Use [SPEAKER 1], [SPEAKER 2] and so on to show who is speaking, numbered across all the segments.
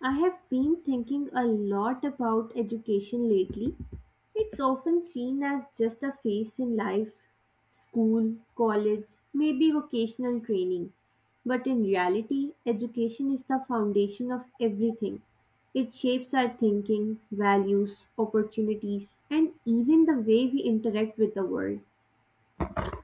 [SPEAKER 1] I have been thinking a lot about education lately. It's often seen as just a phase in life school, college, maybe vocational training. But in reality, education is the foundation of everything. It shapes our thinking, values, opportunities, and even the way we interact with the world.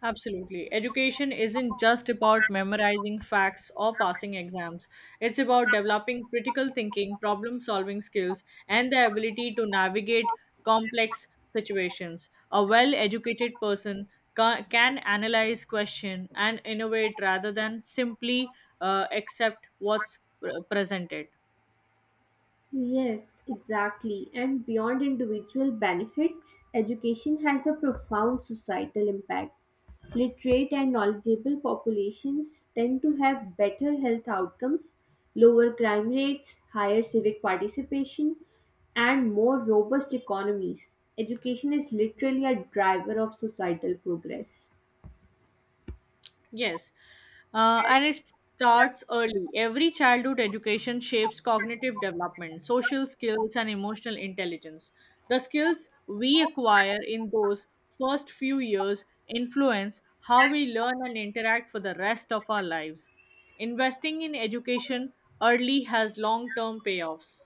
[SPEAKER 2] Absolutely. Education isn't just about memorizing facts or passing exams. It's about developing critical thinking, problem solving skills, and the ability to navigate complex situations. A well educated person can analyze, question, and innovate rather than simply accept what's presented.
[SPEAKER 1] Yes, exactly. And beyond individual benefits, education has a profound societal impact. Literate and knowledgeable populations tend to have better health outcomes, lower crime rates, higher civic participation, and more robust economies. Education is literally a driver of societal progress.
[SPEAKER 2] Yes. And it starts early. Every childhood education shapes cognitive development, social skills, and emotional intelligence. The skills we acquire in those first few years influence how we learn and interact for the rest of our lives. Investing in education early has long term payoffs.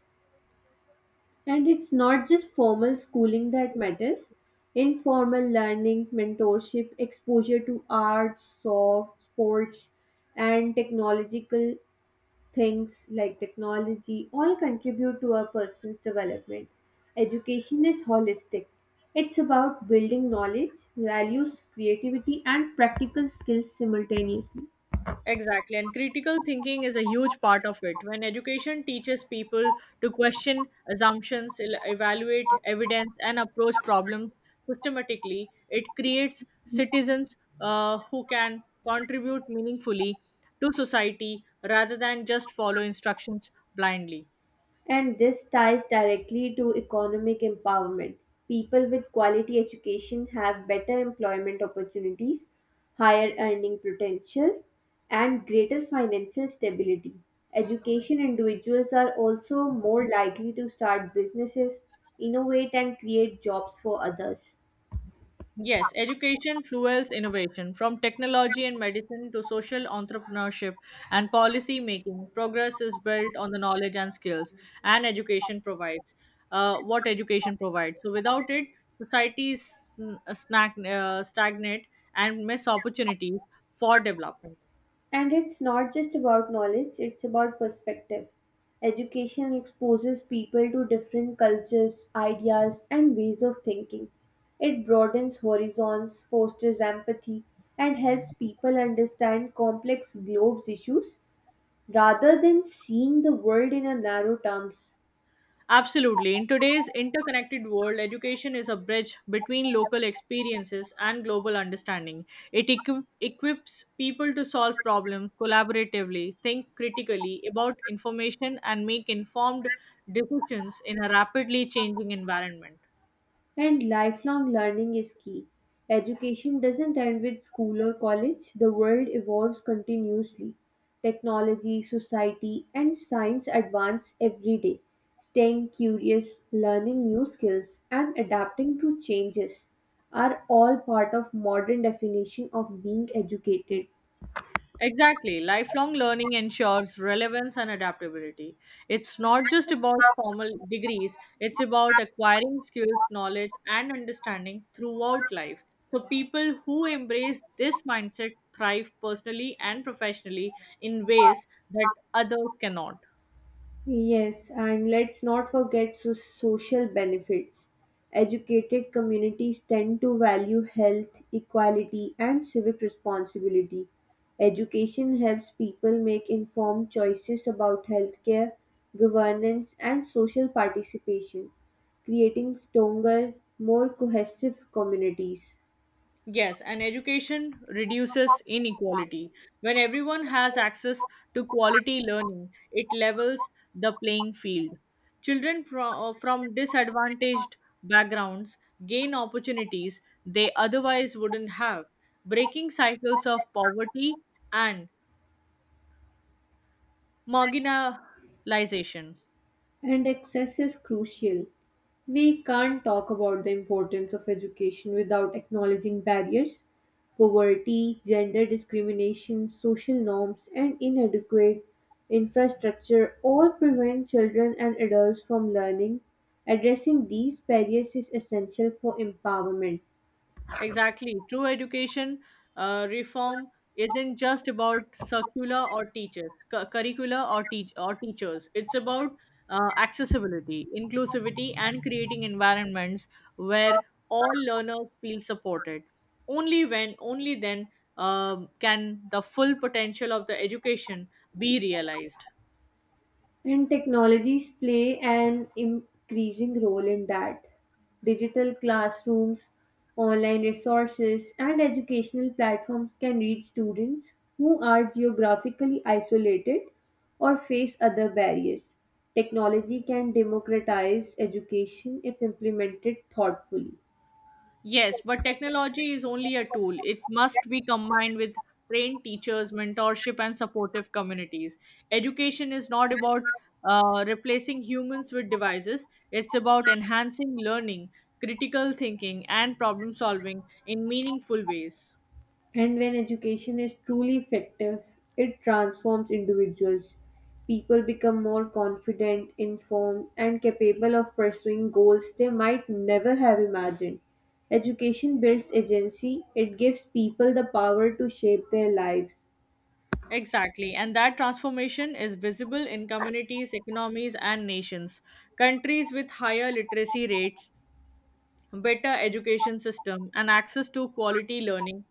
[SPEAKER 1] And it's not just formal schooling that matters. Informal learning, mentorship, exposure to arts, soft sports, and technological things like technology all contribute to a person's development. Education is holistic. It's about building knowledge, values, creativity, and practical skills simultaneously.
[SPEAKER 2] Exactly, and critical thinking is a huge part of it. When education teaches people to question assumptions, evaluate evidence, and approach problems systematically, it creates citizens who can contribute meaningfully to society rather than just follow instructions blindly.
[SPEAKER 1] And this ties directly to economic empowerment. People with quality education have better employment opportunities, higher earning potential, and greater financial stability. Education individuals are also more likely to start businesses, innovate, and create jobs for others.
[SPEAKER 2] Yes, education fuels innovation. From technology and medicine to social entrepreneurship and policy making, progress is built on the knowledge and skills and education provides. What education provides. So without it, societies stagnate and miss opportunities for development.
[SPEAKER 1] And it's not just about knowledge, it's about perspective. Education exposes people to different cultures, ideas, and ways of thinking. It broadens horizons, fosters empathy, and helps people understand complex globes issues rather than seeing the world in a narrow terms.
[SPEAKER 2] Absolutely. In today's interconnected world, education is a bridge between local experiences and global understanding. It equips people to solve problems collaboratively, think critically about information, and make informed decisions in a rapidly changing environment.
[SPEAKER 1] And lifelong learning is key. Education doesn't end with school or college, the world evolves continuously. Technology, society, and science advance every day. Staying curious, learning new skills, and adapting to changes are all part of modern definition of being educated.
[SPEAKER 2] Exactly. Lifelong learning ensures relevance and adaptability. It's not just about formal degrees, it's about acquiring skills, knowledge, and understanding throughout life. So, people who embrace this mindset thrive personally and professionally in ways that others cannot.
[SPEAKER 1] Yes, and let's not forget social benefits. Educated communities tend to value health, equality, and civic responsibility. Education helps people make informed choices about healthcare, governance, and social participation, creating stronger, more cohesive communities.
[SPEAKER 2] Yes, and education reduces inequality. When everyone has access to quality learning, it levels the playing field. Children from disadvantaged backgrounds gain opportunities they otherwise wouldn't have, breaking cycles of poverty and marginalization.
[SPEAKER 1] And access is crucial. We can't talk about the importance of education without acknowledging barriers. Poverty, gender discrimination, social norms, and inadequate infrastructure all prevent children and adults from learning. Addressing these barriers is essential for empowerment.
[SPEAKER 2] Exactly. True education reform isn't just about circular or teachers, curricula or teachers. It's about accessibility, inclusivity, and creating environments where all learners feel supported. Only then, can the full potential of the education be realized.
[SPEAKER 1] And technologies play an increasing role in that. Digital classrooms, online resources, and educational platforms can reach students who are geographically isolated or face other barriers. Technology can democratize education if implemented thoughtfully.
[SPEAKER 2] Yes, but technology is only a tool. It must be combined with trained teachers, mentorship, and supportive communities. Education is not about replacing humans with devices, it's about enhancing learning, critical thinking, and problem solving in meaningful ways.
[SPEAKER 1] And when education is truly effective, it transforms individuals. People become more confident, informed, and capable of pursuing goals they might never have imagined. Education builds agency, it gives people the power to shape their lives.
[SPEAKER 2] Exactly, and that transformation is visible in communities, economies, and nations. Countries with higher literacy rates, better education system, and access to quality learning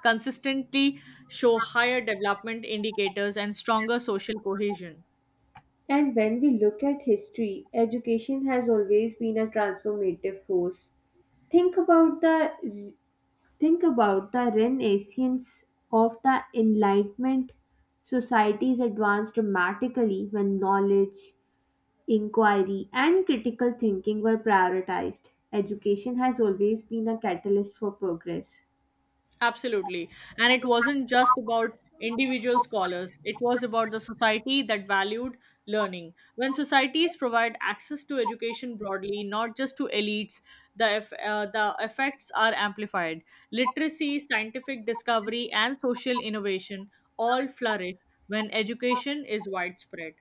[SPEAKER 2] consistently show higher development indicators and stronger social cohesion.
[SPEAKER 1] And when we look at history, education has always been a transformative force. Think about the Think about the renaissance of the Enlightenment. Societies advanced dramatically when knowledge, inquiry, and critical thinking were prioritized. Education has always been a catalyst for progress.
[SPEAKER 2] Absolutely. And it wasn't just about individual scholars, it was about the society that valued learning. When societies provide access to education broadly, not just to elites, the effects are amplified. Literacy, scientific discovery, and social innovation all flourish when education is widespread.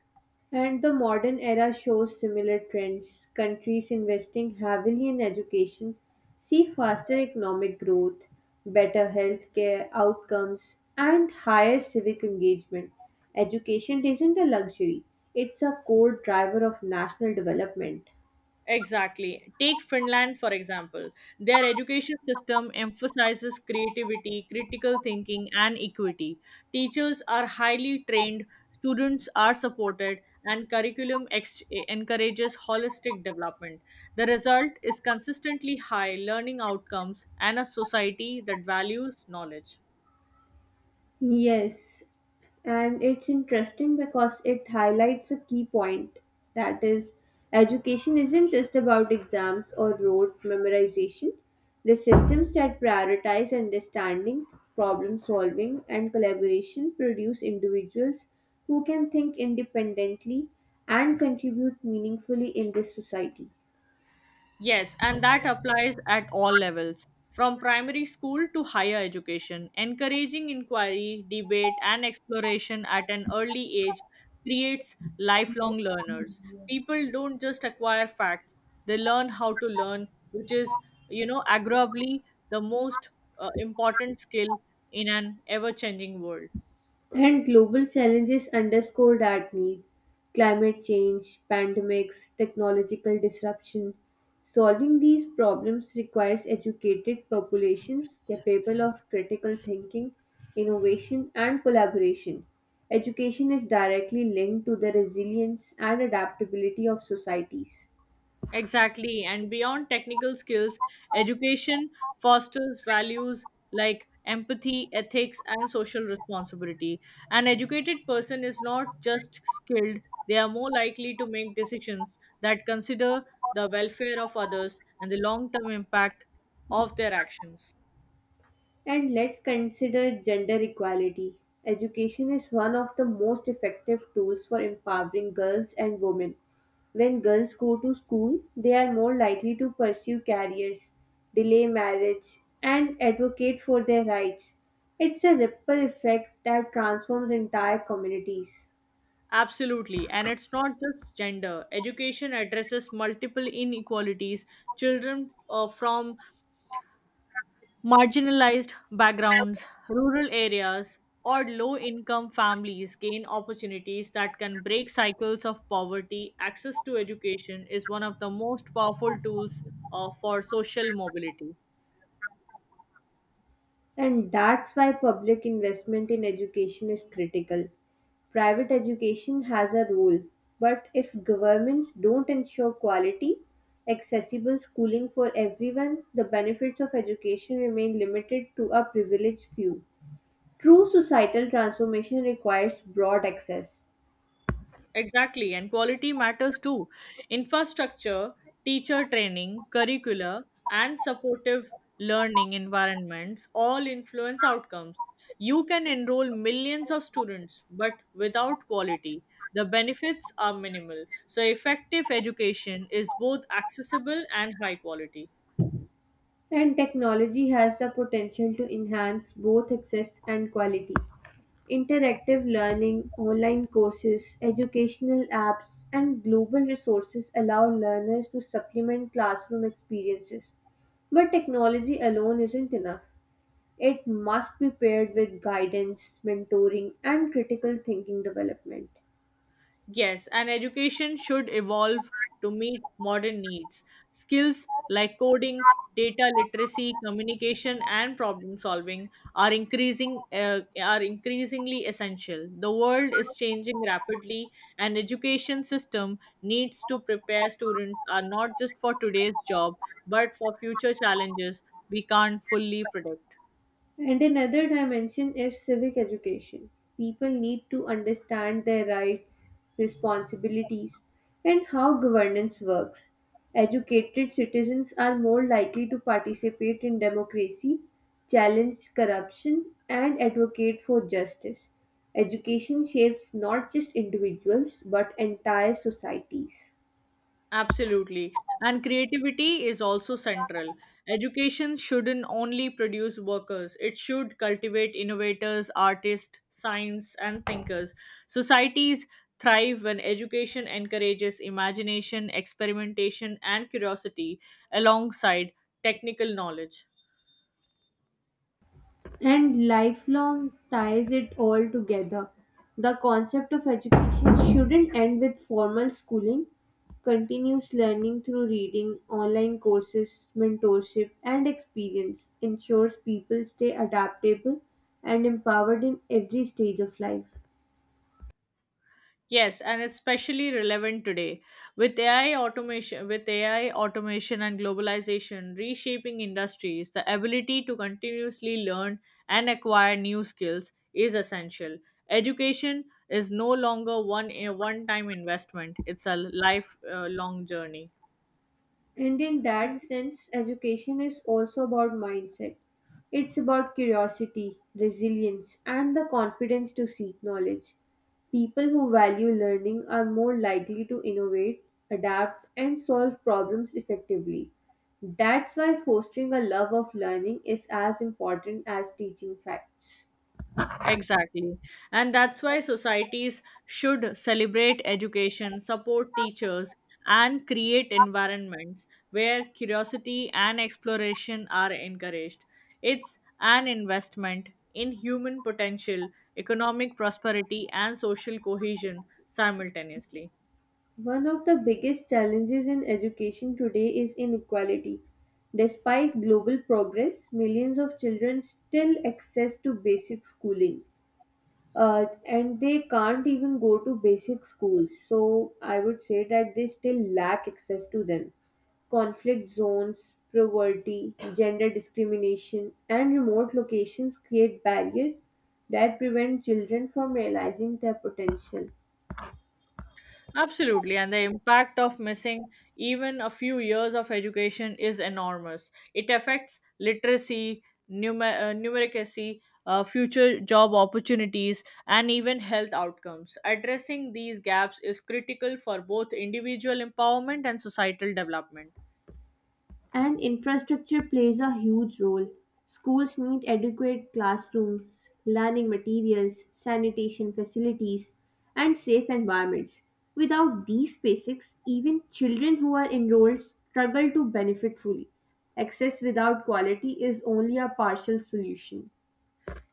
[SPEAKER 1] And the modern era shows similar trends. Countries investing heavily in education see faster economic growth, better healthcare outcomes, and higher civic engagement. Education isn't a luxury, it's a core driver of national development.
[SPEAKER 2] Exactly. Take Finland, for example. Their education system emphasizes creativity, critical thinking, and equity. Teachers are highly trained, students are supported, and encourages holistic development. The result is consistently high learning outcomes and a society that values knowledge.
[SPEAKER 1] Yes, and it's interesting because it highlights a key point that is, education isn't just about exams or rote memorization. The systems that prioritize understanding, problem solving, and collaboration produce individuals who can think independently and contribute meaningfully in this society.
[SPEAKER 2] Yes, and that applies at all levels, from primary school to higher education. Encouraging inquiry, debate, and exploration at an early age creates lifelong learners. People don't just acquire facts, they learn how to learn, which is, arguably the most important skill in an ever changing world.
[SPEAKER 1] And global challenges underscore that need climate change, pandemics, technological disruption. Solving these problems requires educated populations capable of critical thinking, innovation, and collaboration. Education is directly linked to the resilience and adaptability of societies.
[SPEAKER 2] Exactly. And beyond technical skills, education fosters values like empathy, ethics, and social responsibility. An educated person is not just skilled, they are more likely to make decisions that consider the welfare of others and the long term impact of their actions.
[SPEAKER 1] And let's consider gender equality. Education is one of the most effective tools for empowering girls and women. When girls go to school, they are more likely to pursue careers, delay marriage, and advocate for their rights. It's a ripple effect that transforms entire communities.
[SPEAKER 2] Absolutely. And it's not just gender. Education addresses multiple inequalities. Children from marginalized backgrounds, rural areas, or low income families gain opportunities that can break cycles of poverty. Access to education is one of the most powerful tools for social mobility.
[SPEAKER 1] And that's why public investment in education is critical. Private education has a role, but if governments don't ensure quality, accessible schooling for everyone, the benefits of education remain limited to a privileged few. True societal transformation requires broad access,
[SPEAKER 2] Exactly, and quality matters too. Infrastructure, teacher training, curricula, and supportive learning environments all influence outcomes. You can enroll millions of students, but without quality, the benefits are minimal. So, effective education is both accessible and high quality.
[SPEAKER 1] and technology has the potential to enhance both access and quality. Interactive learning, online courses, educational apps, and global resources allow learners to supplement classroom experiences. But technology alone isn't enough. It must be paired with guidance, mentoring, and critical thinking development.
[SPEAKER 2] Yes, and education should evolve to meet modern needs. Skills like coding, data literacy, communication, and problem solving are increasingly essential. The world is changing rapidly, and education system needs to prepare students are not just for today's job, but for future challenges we can't fully predict.
[SPEAKER 1] And another dimension is civic education. People need to understand their rights, responsibilities, and how governance works. Educated citizens are more likely to participate in democracy, challenge corruption, and advocate for justice. Education shapes not just individuals but entire societies.
[SPEAKER 2] Absolutely. And creativity is also central. Education shouldn't only produce workers, it should cultivate innovators, artists, science, and thinkers. Societies thrive when education encourages imagination, experimentation, and curiosity alongside technical knowledge.
[SPEAKER 1] And lifelong ties it all together. The concept of education shouldn't end with formal schooling. Continuous learning through reading, online courses, mentorship, and experience ensures people stay adaptable and empowered in every stage of life.
[SPEAKER 2] Yes, and it's especially relevant today with AI automation and globalization reshaping industries, the ability to continuously learn and acquire new skills is essential. Education is no longer one a one time investment, it's a lifelong journey.
[SPEAKER 1] And in that sense, education is also about mindset. It's about curiosity, resilience, and the confidence to seek knowledge. People who value learning are more likely to innovate, adapt, and solve problems effectively. That's why fostering a love of learning is as important as teaching facts.
[SPEAKER 2] Exactly. And that's why societies should celebrate education, support teachers, and create environments where curiosity and exploration are encouraged. It's an investment in human potential, economic prosperity, and social cohesion simultaneously.
[SPEAKER 1] One of the biggest challenges in education today is inequality. Despite global progress, millions of children still access to basic schooling. And they can't even go to basic schools. So I would say that they still lack access to them. Conflict zones, poverty, gender discrimination, and remote locations create barriers that prevent children from realizing their potential.
[SPEAKER 2] Absolutely, and the impact of missing even a few years of education is enormous. It affects literacy, numeracy, future job opportunities, and even health outcomes. Addressing these gaps is critical for both individual empowerment and societal development.
[SPEAKER 1] And infrastructure plays a huge role. Schools need adequate classrooms, learning materials, sanitation facilities, and safe environments. Without these basics, even children who are enrolled struggle to benefit fully. Access without quality is only a partial solution.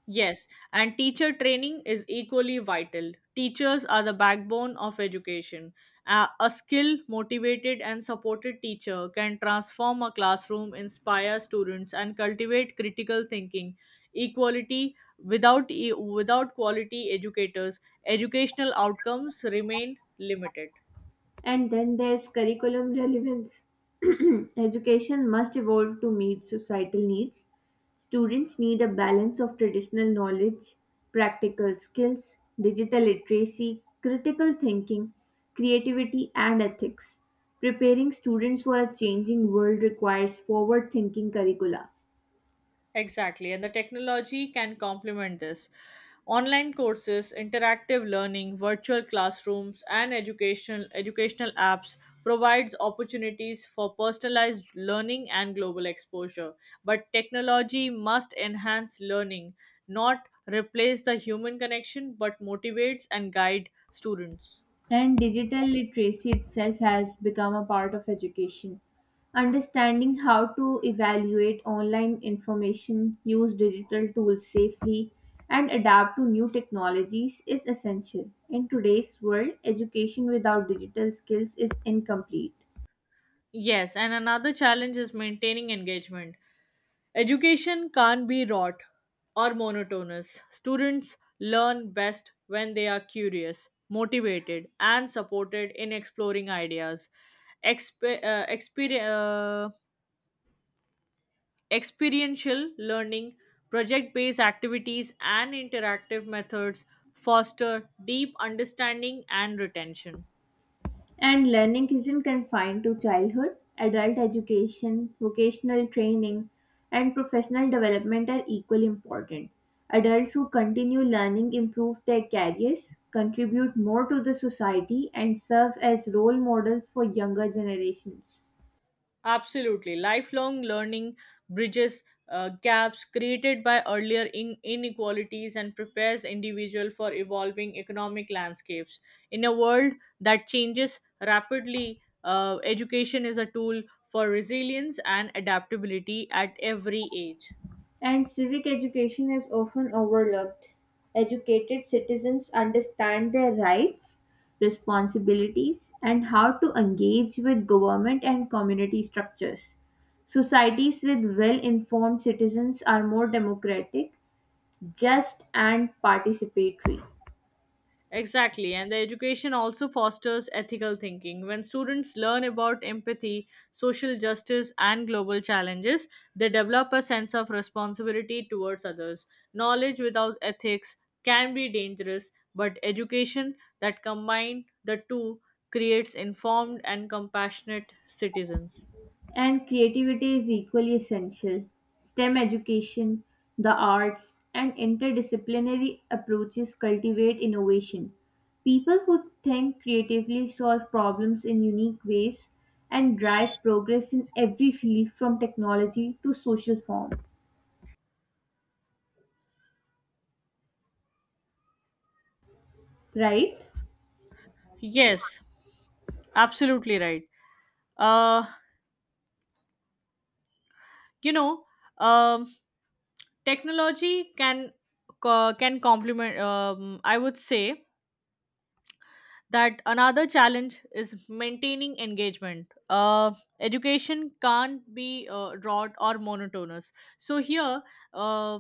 [SPEAKER 2] Yes, and teacher training is equally vital. Teachers are the backbone of education. A skilled, motivated, and supported teacher can transform a classroom, inspire students, and cultivate critical thinking. Equality without e- without quality educators, educational outcomes remain limited.
[SPEAKER 1] And then there's curriculum relevance. Education must evolve to meet societal needs. Students need a balance of traditional knowledge, practical skills, digital literacy, critical thinking, creativity, and ethics. Preparing students for a changing world requires forward thinking curricula.
[SPEAKER 2] Exactly, and the technology can complement this. Online courses, interactive learning, virtual classrooms, and educational apps provides opportunities for personalized learning and global exposure. But technology must enhance learning, not replace the human connection, but motivates and guide students.
[SPEAKER 1] And digital literacy itself has become a part of education. Understanding how to evaluate online information, use digital tools safely, and adapt to new technologies is essential. In today's world, education without digital skills is incomplete.
[SPEAKER 2] Yes, and another challenge is maintaining engagement. Education can't be rote or monotonous. Students learn best when they are curious, motivated, and supported in exploring ideas. Expe- uh, exper- uh, experiential learning, project based activities, and interactive methods foster deep understanding and retention.
[SPEAKER 1] And learning isn't confined to childhood. Adult education, vocational training, and professional development are equally important. Adults who continue learning improve their careers, contribute more to the society, and serve as role models for younger generations.
[SPEAKER 2] Absolutely. Lifelong learning bridges gaps created by inequalities and prepares individual for evolving economic landscapes. In a world that changes rapidly, education is a tool for resilience and adaptability at every age.
[SPEAKER 1] And civic education is often overlooked. Educated citizens understand their rights, responsibilities, and how to engage with government and community structures. Societies with well informed citizens are more democratic, just, and participatory.
[SPEAKER 2] Exactly, and the education also fosters ethical thinking. When students learn about empathy, social justice, and global challenges, they develop a sense of responsibility towards others. Knowledge without ethics can be dangerous, but education that combines the two creates informed and compassionate citizens.
[SPEAKER 1] And creativity is equally essential. STEM education, the arts, and interdisciplinary approaches cultivate innovation. People who think creatively solve problems in unique ways and drive progress in every field from technology to social form. Right?
[SPEAKER 2] Yes, absolutely right. Uh, you know, um, technology can can complement. I would say that another challenge is maintaining engagement. Education can't be rote or monotonous. So here uh,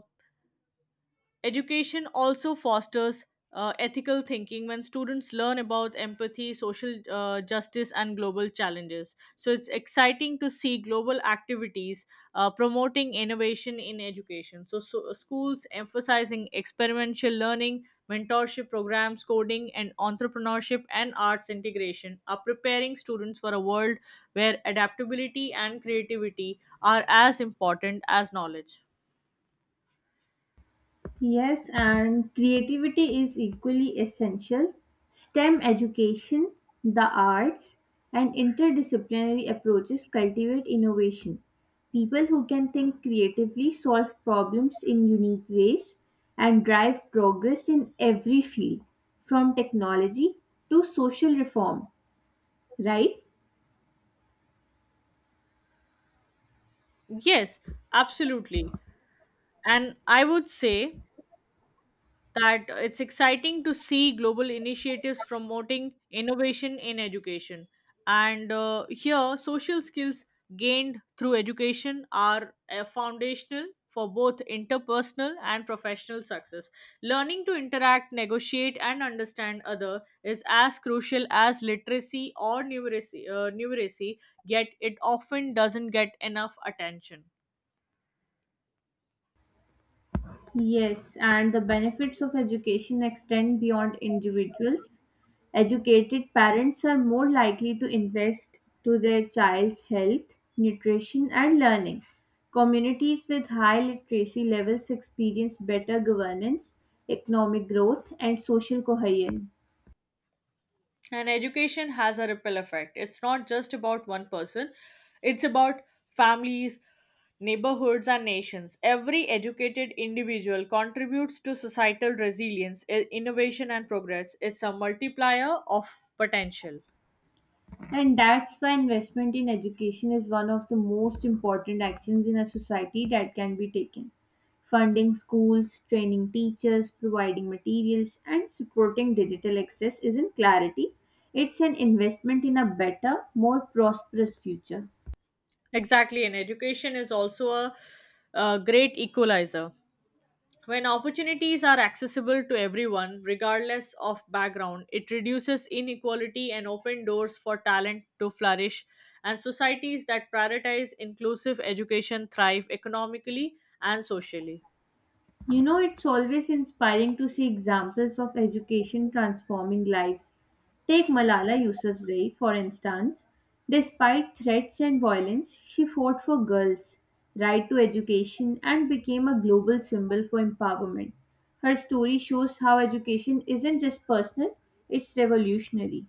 [SPEAKER 2] education also fosters ethical thinking when students learn about empathy, social justice, and global challenges. So it's exciting to see global activities promoting innovation in education. So, schools emphasizing experiential learning, mentorship programs, coding, and entrepreneurship and arts integration are preparing students for a world where adaptability and creativity are as important as knowledge.
[SPEAKER 1] Yes, and creativity is equally essential. STEM education, the arts, and interdisciplinary approaches cultivate innovation. People who can think creatively solve problems in unique ways and drive progress in every field, from technology to social reform, right?
[SPEAKER 2] Yes, absolutely. And I would say that it's exciting to see global initiatives promoting innovation in education. And here, social skills gained through education are foundational for both interpersonal and professional success. Learning to interact, negotiate, and understand other is as crucial as literacy or numeracy, yet it often doesn't get enough attention.
[SPEAKER 1] Yes, and the benefits of education extend beyond individuals. Educated parents are more likely to invest to their child's health, nutrition and learning. Communities with high literacy levels experience better governance, economic growth and social cohesion.
[SPEAKER 2] And education has a ripple effect. It's not just about one person, it's about families, neighborhoods and nations. Every educated individual contributes to societal resilience, innovation and progress. It's a multiplier of potential.
[SPEAKER 1] And that's why investment in education is one of the most important actions in a society that can be taken. Funding schools, training teachers, providing materials, and supporting digital access is in clarity. It's an investment in a better, more prosperous future.
[SPEAKER 2] Exactly, and education is also a great equalizer. When opportunities are accessible to everyone, regardless of background, it reduces inequality and open doors for talent to flourish. And societies that prioritize inclusive education thrive economically and socially.
[SPEAKER 1] You know, it's always inspiring to see examples of education transforming lives. Take Malala Yousafzai, for instance. Despite threats and violence, she fought for girls' right to education and became a global symbol for empowerment. Her story shows how education isn't just personal, it's revolutionary.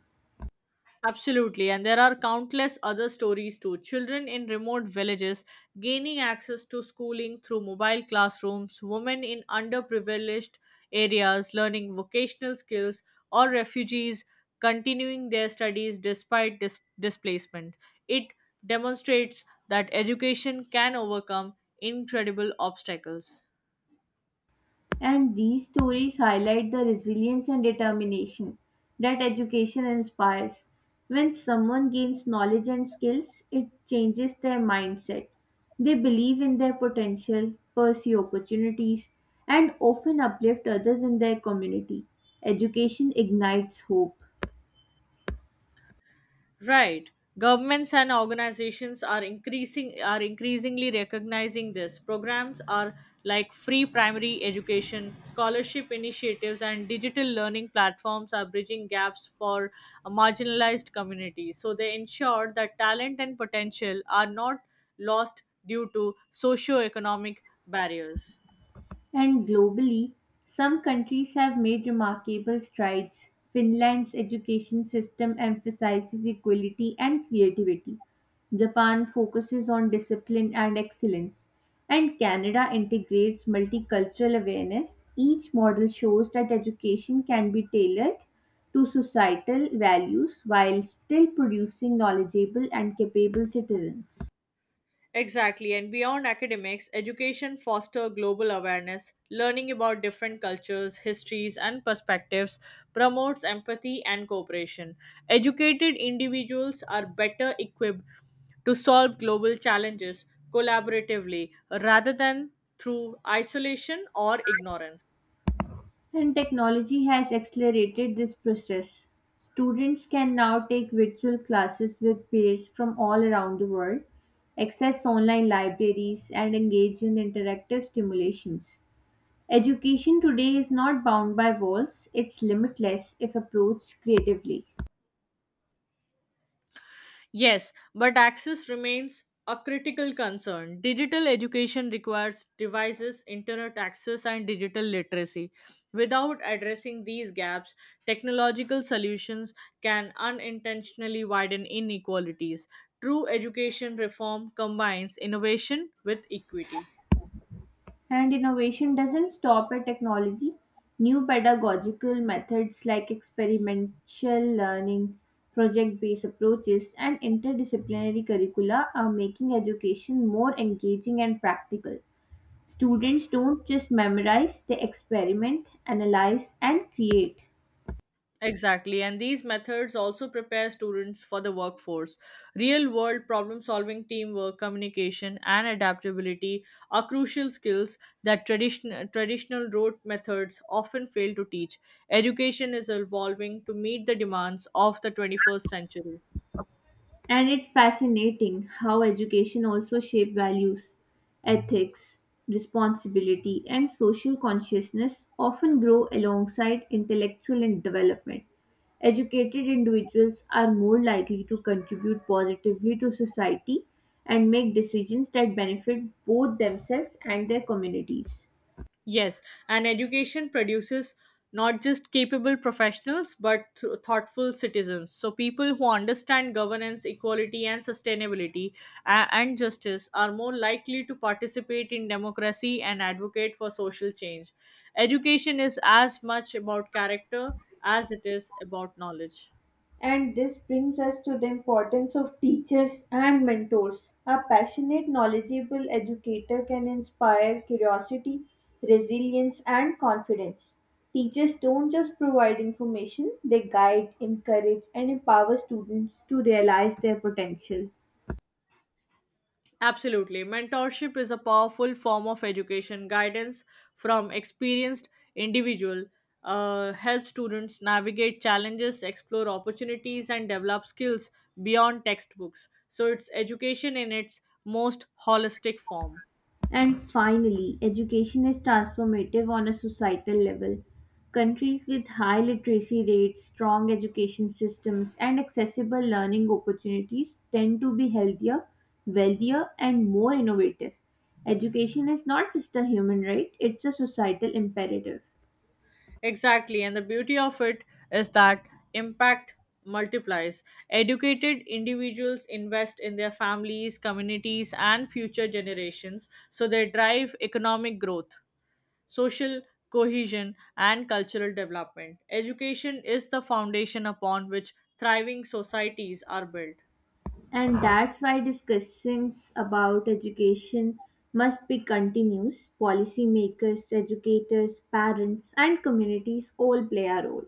[SPEAKER 2] Absolutely, and there are countless other stories too. Children in remote villages gaining access to schooling through mobile classrooms, women in underprivileged areas learning vocational skills, or refugees continuing their studies despite displacement. It demonstrates that education can overcome incredible obstacles.
[SPEAKER 1] And these stories highlight the resilience and determination that education inspires. When someone gains knowledge and skills, it changes their mindset. They believe in their potential, pursue opportunities, and often uplift others in their community. Education ignites hope.
[SPEAKER 2] Right. Governments and organizations are increasingly recognizing this. Programs are like free primary education, scholarship initiatives, and digital learning platforms are bridging gaps for a marginalized communities. So they ensure that talent and potential are not lost due to socioeconomic barriers.
[SPEAKER 1] And globally, some countries have made remarkable strides. Finland's education system emphasizes equality and creativity. Japan focuses on discipline and excellence. And Canada integrates multicultural awareness. Each model shows that education can be tailored to societal values while still producing knowledgeable and capable citizens.
[SPEAKER 2] Exactly, and beyond academics, education foster global awareness, learning about different cultures, histories, and perspectives promotes empathy and cooperation. Educated individuals are better equipped to solve global challenges collaboratively rather than through isolation or ignorance.
[SPEAKER 1] And technology has accelerated this process. Students can now take virtual classes with peers from all around the world, access online libraries, and engage in interactive stimulations. Education today is not bound by walls, it's limitless if approached creatively.
[SPEAKER 2] Yes, but access remains a critical concern. Digital education requires devices, internet access, and digital literacy. Without addressing these gaps, technological solutions can unintentionally widen inequalities. True education reform combines innovation with equity.
[SPEAKER 1] And innovation doesn't stop at technology. New pedagogical methods like experimental learning, project based approaches, and interdisciplinary curricula are making education more engaging and practical. Students don't just memorize, they experiment, analyze, and create.
[SPEAKER 2] Exactly, and these methods also prepare students for the workforce. Real world problem solving, teamwork, communication, and adaptability are crucial skills that traditional rote methods often fail to teach. Education is evolving to meet the demands of the 21st century.
[SPEAKER 1] And it's fascinating how education also shapes values, ethics, responsibility, and social consciousness often grow alongside intellectual and development. Educated individuals are more likely to contribute positively to society and make decisions that benefit both themselves and their communities.
[SPEAKER 2] Yes, and education produces not just capable professionals but thoughtful citizens. So, people who understand governance, equality, and sustainability and justice are more likely to participate in democracy and advocate for social change. Education is as much about character as it is about knowledge.
[SPEAKER 1] And this brings us to the importance of teachers and mentors. A passionate, knowledgeable educator can inspire curiosity, resilience, and confidence. Teachers don't just provide information, they guide, encourage, and empower students to realize their potential.
[SPEAKER 2] Absolutely. Mentorship is a powerful form of education. Guidance from experienced individual helps students navigate challenges, explore opportunities, and develop skills beyond textbooks. So it's education in its most holistic form.
[SPEAKER 1] And finally, education is transformative on a societal level. Countries with high literacy rates, strong education systems, and accessible learning opportunities tend to be healthier, wealthier, and more innovative. Education is not just a human right, it's a societal imperative.
[SPEAKER 2] Exactly. And the beauty of it is that impact multiplies. Educated individuals invest in their families, communities, and future generations, so they drive economic growth, social cohesion, and cultural development. Education is the foundation upon which thriving societies are built.
[SPEAKER 1] And that's why discussions about education must be continuous. Policymakers, educators, parents, and communities all play a role.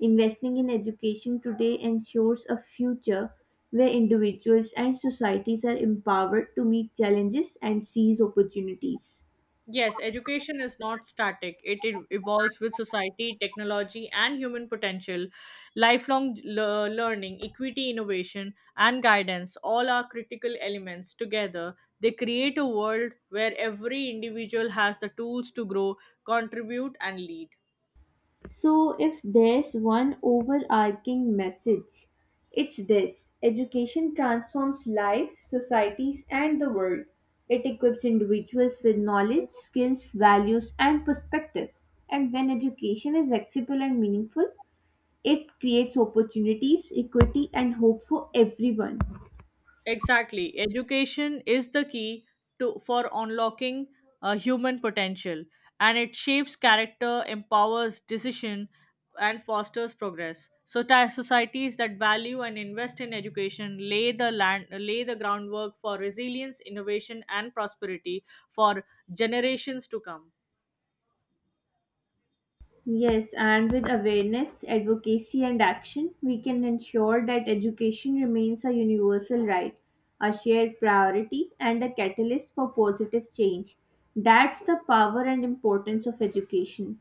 [SPEAKER 1] Investing in education today ensures a future where individuals and societies are empowered to meet challenges and seize opportunities.
[SPEAKER 2] Yes, education is not static. It evolves with society, technology, and human potential. Learning, equity, innovation, and guidance all are critical elements. Together, they create a world where every individual has the tools to grow, contribute, and lead.
[SPEAKER 1] So, if there's one overarching message, it's this education transforms life, societies, and the world. It equips individuals with knowledge, skills, values, and perspectives. And when education is accessible and meaningful, it creates opportunities, equity, and hope for everyone.
[SPEAKER 2] Exactly. Education is the key to for unlocking human potential, and it shapes character, empowers decision, and fosters progress. So, societies that value and invest in education lay the groundwork for resilience, innovation, and prosperity for generations to come.
[SPEAKER 1] Yes, and with awareness, advocacy, and action, we can ensure that education remains a universal right, a shared priority, and a catalyst for positive change. That's the power and importance of education.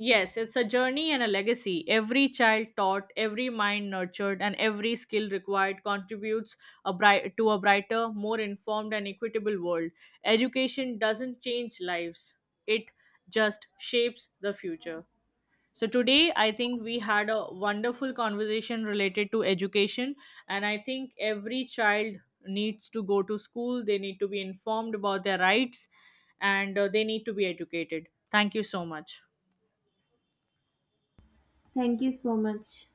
[SPEAKER 2] Yes, it's a journey and a legacy. Every child taught, every mind nurtured, and every skill required contributes to a brighter, more informed, and equitable world. Education doesn't change lives, it just shapes the future. So, today I think we had a wonderful conversation related to education, and I think every child needs to go to school, they need to be informed about their rights, and they need to be educated. Thank you so much.
[SPEAKER 1] Thank you so much.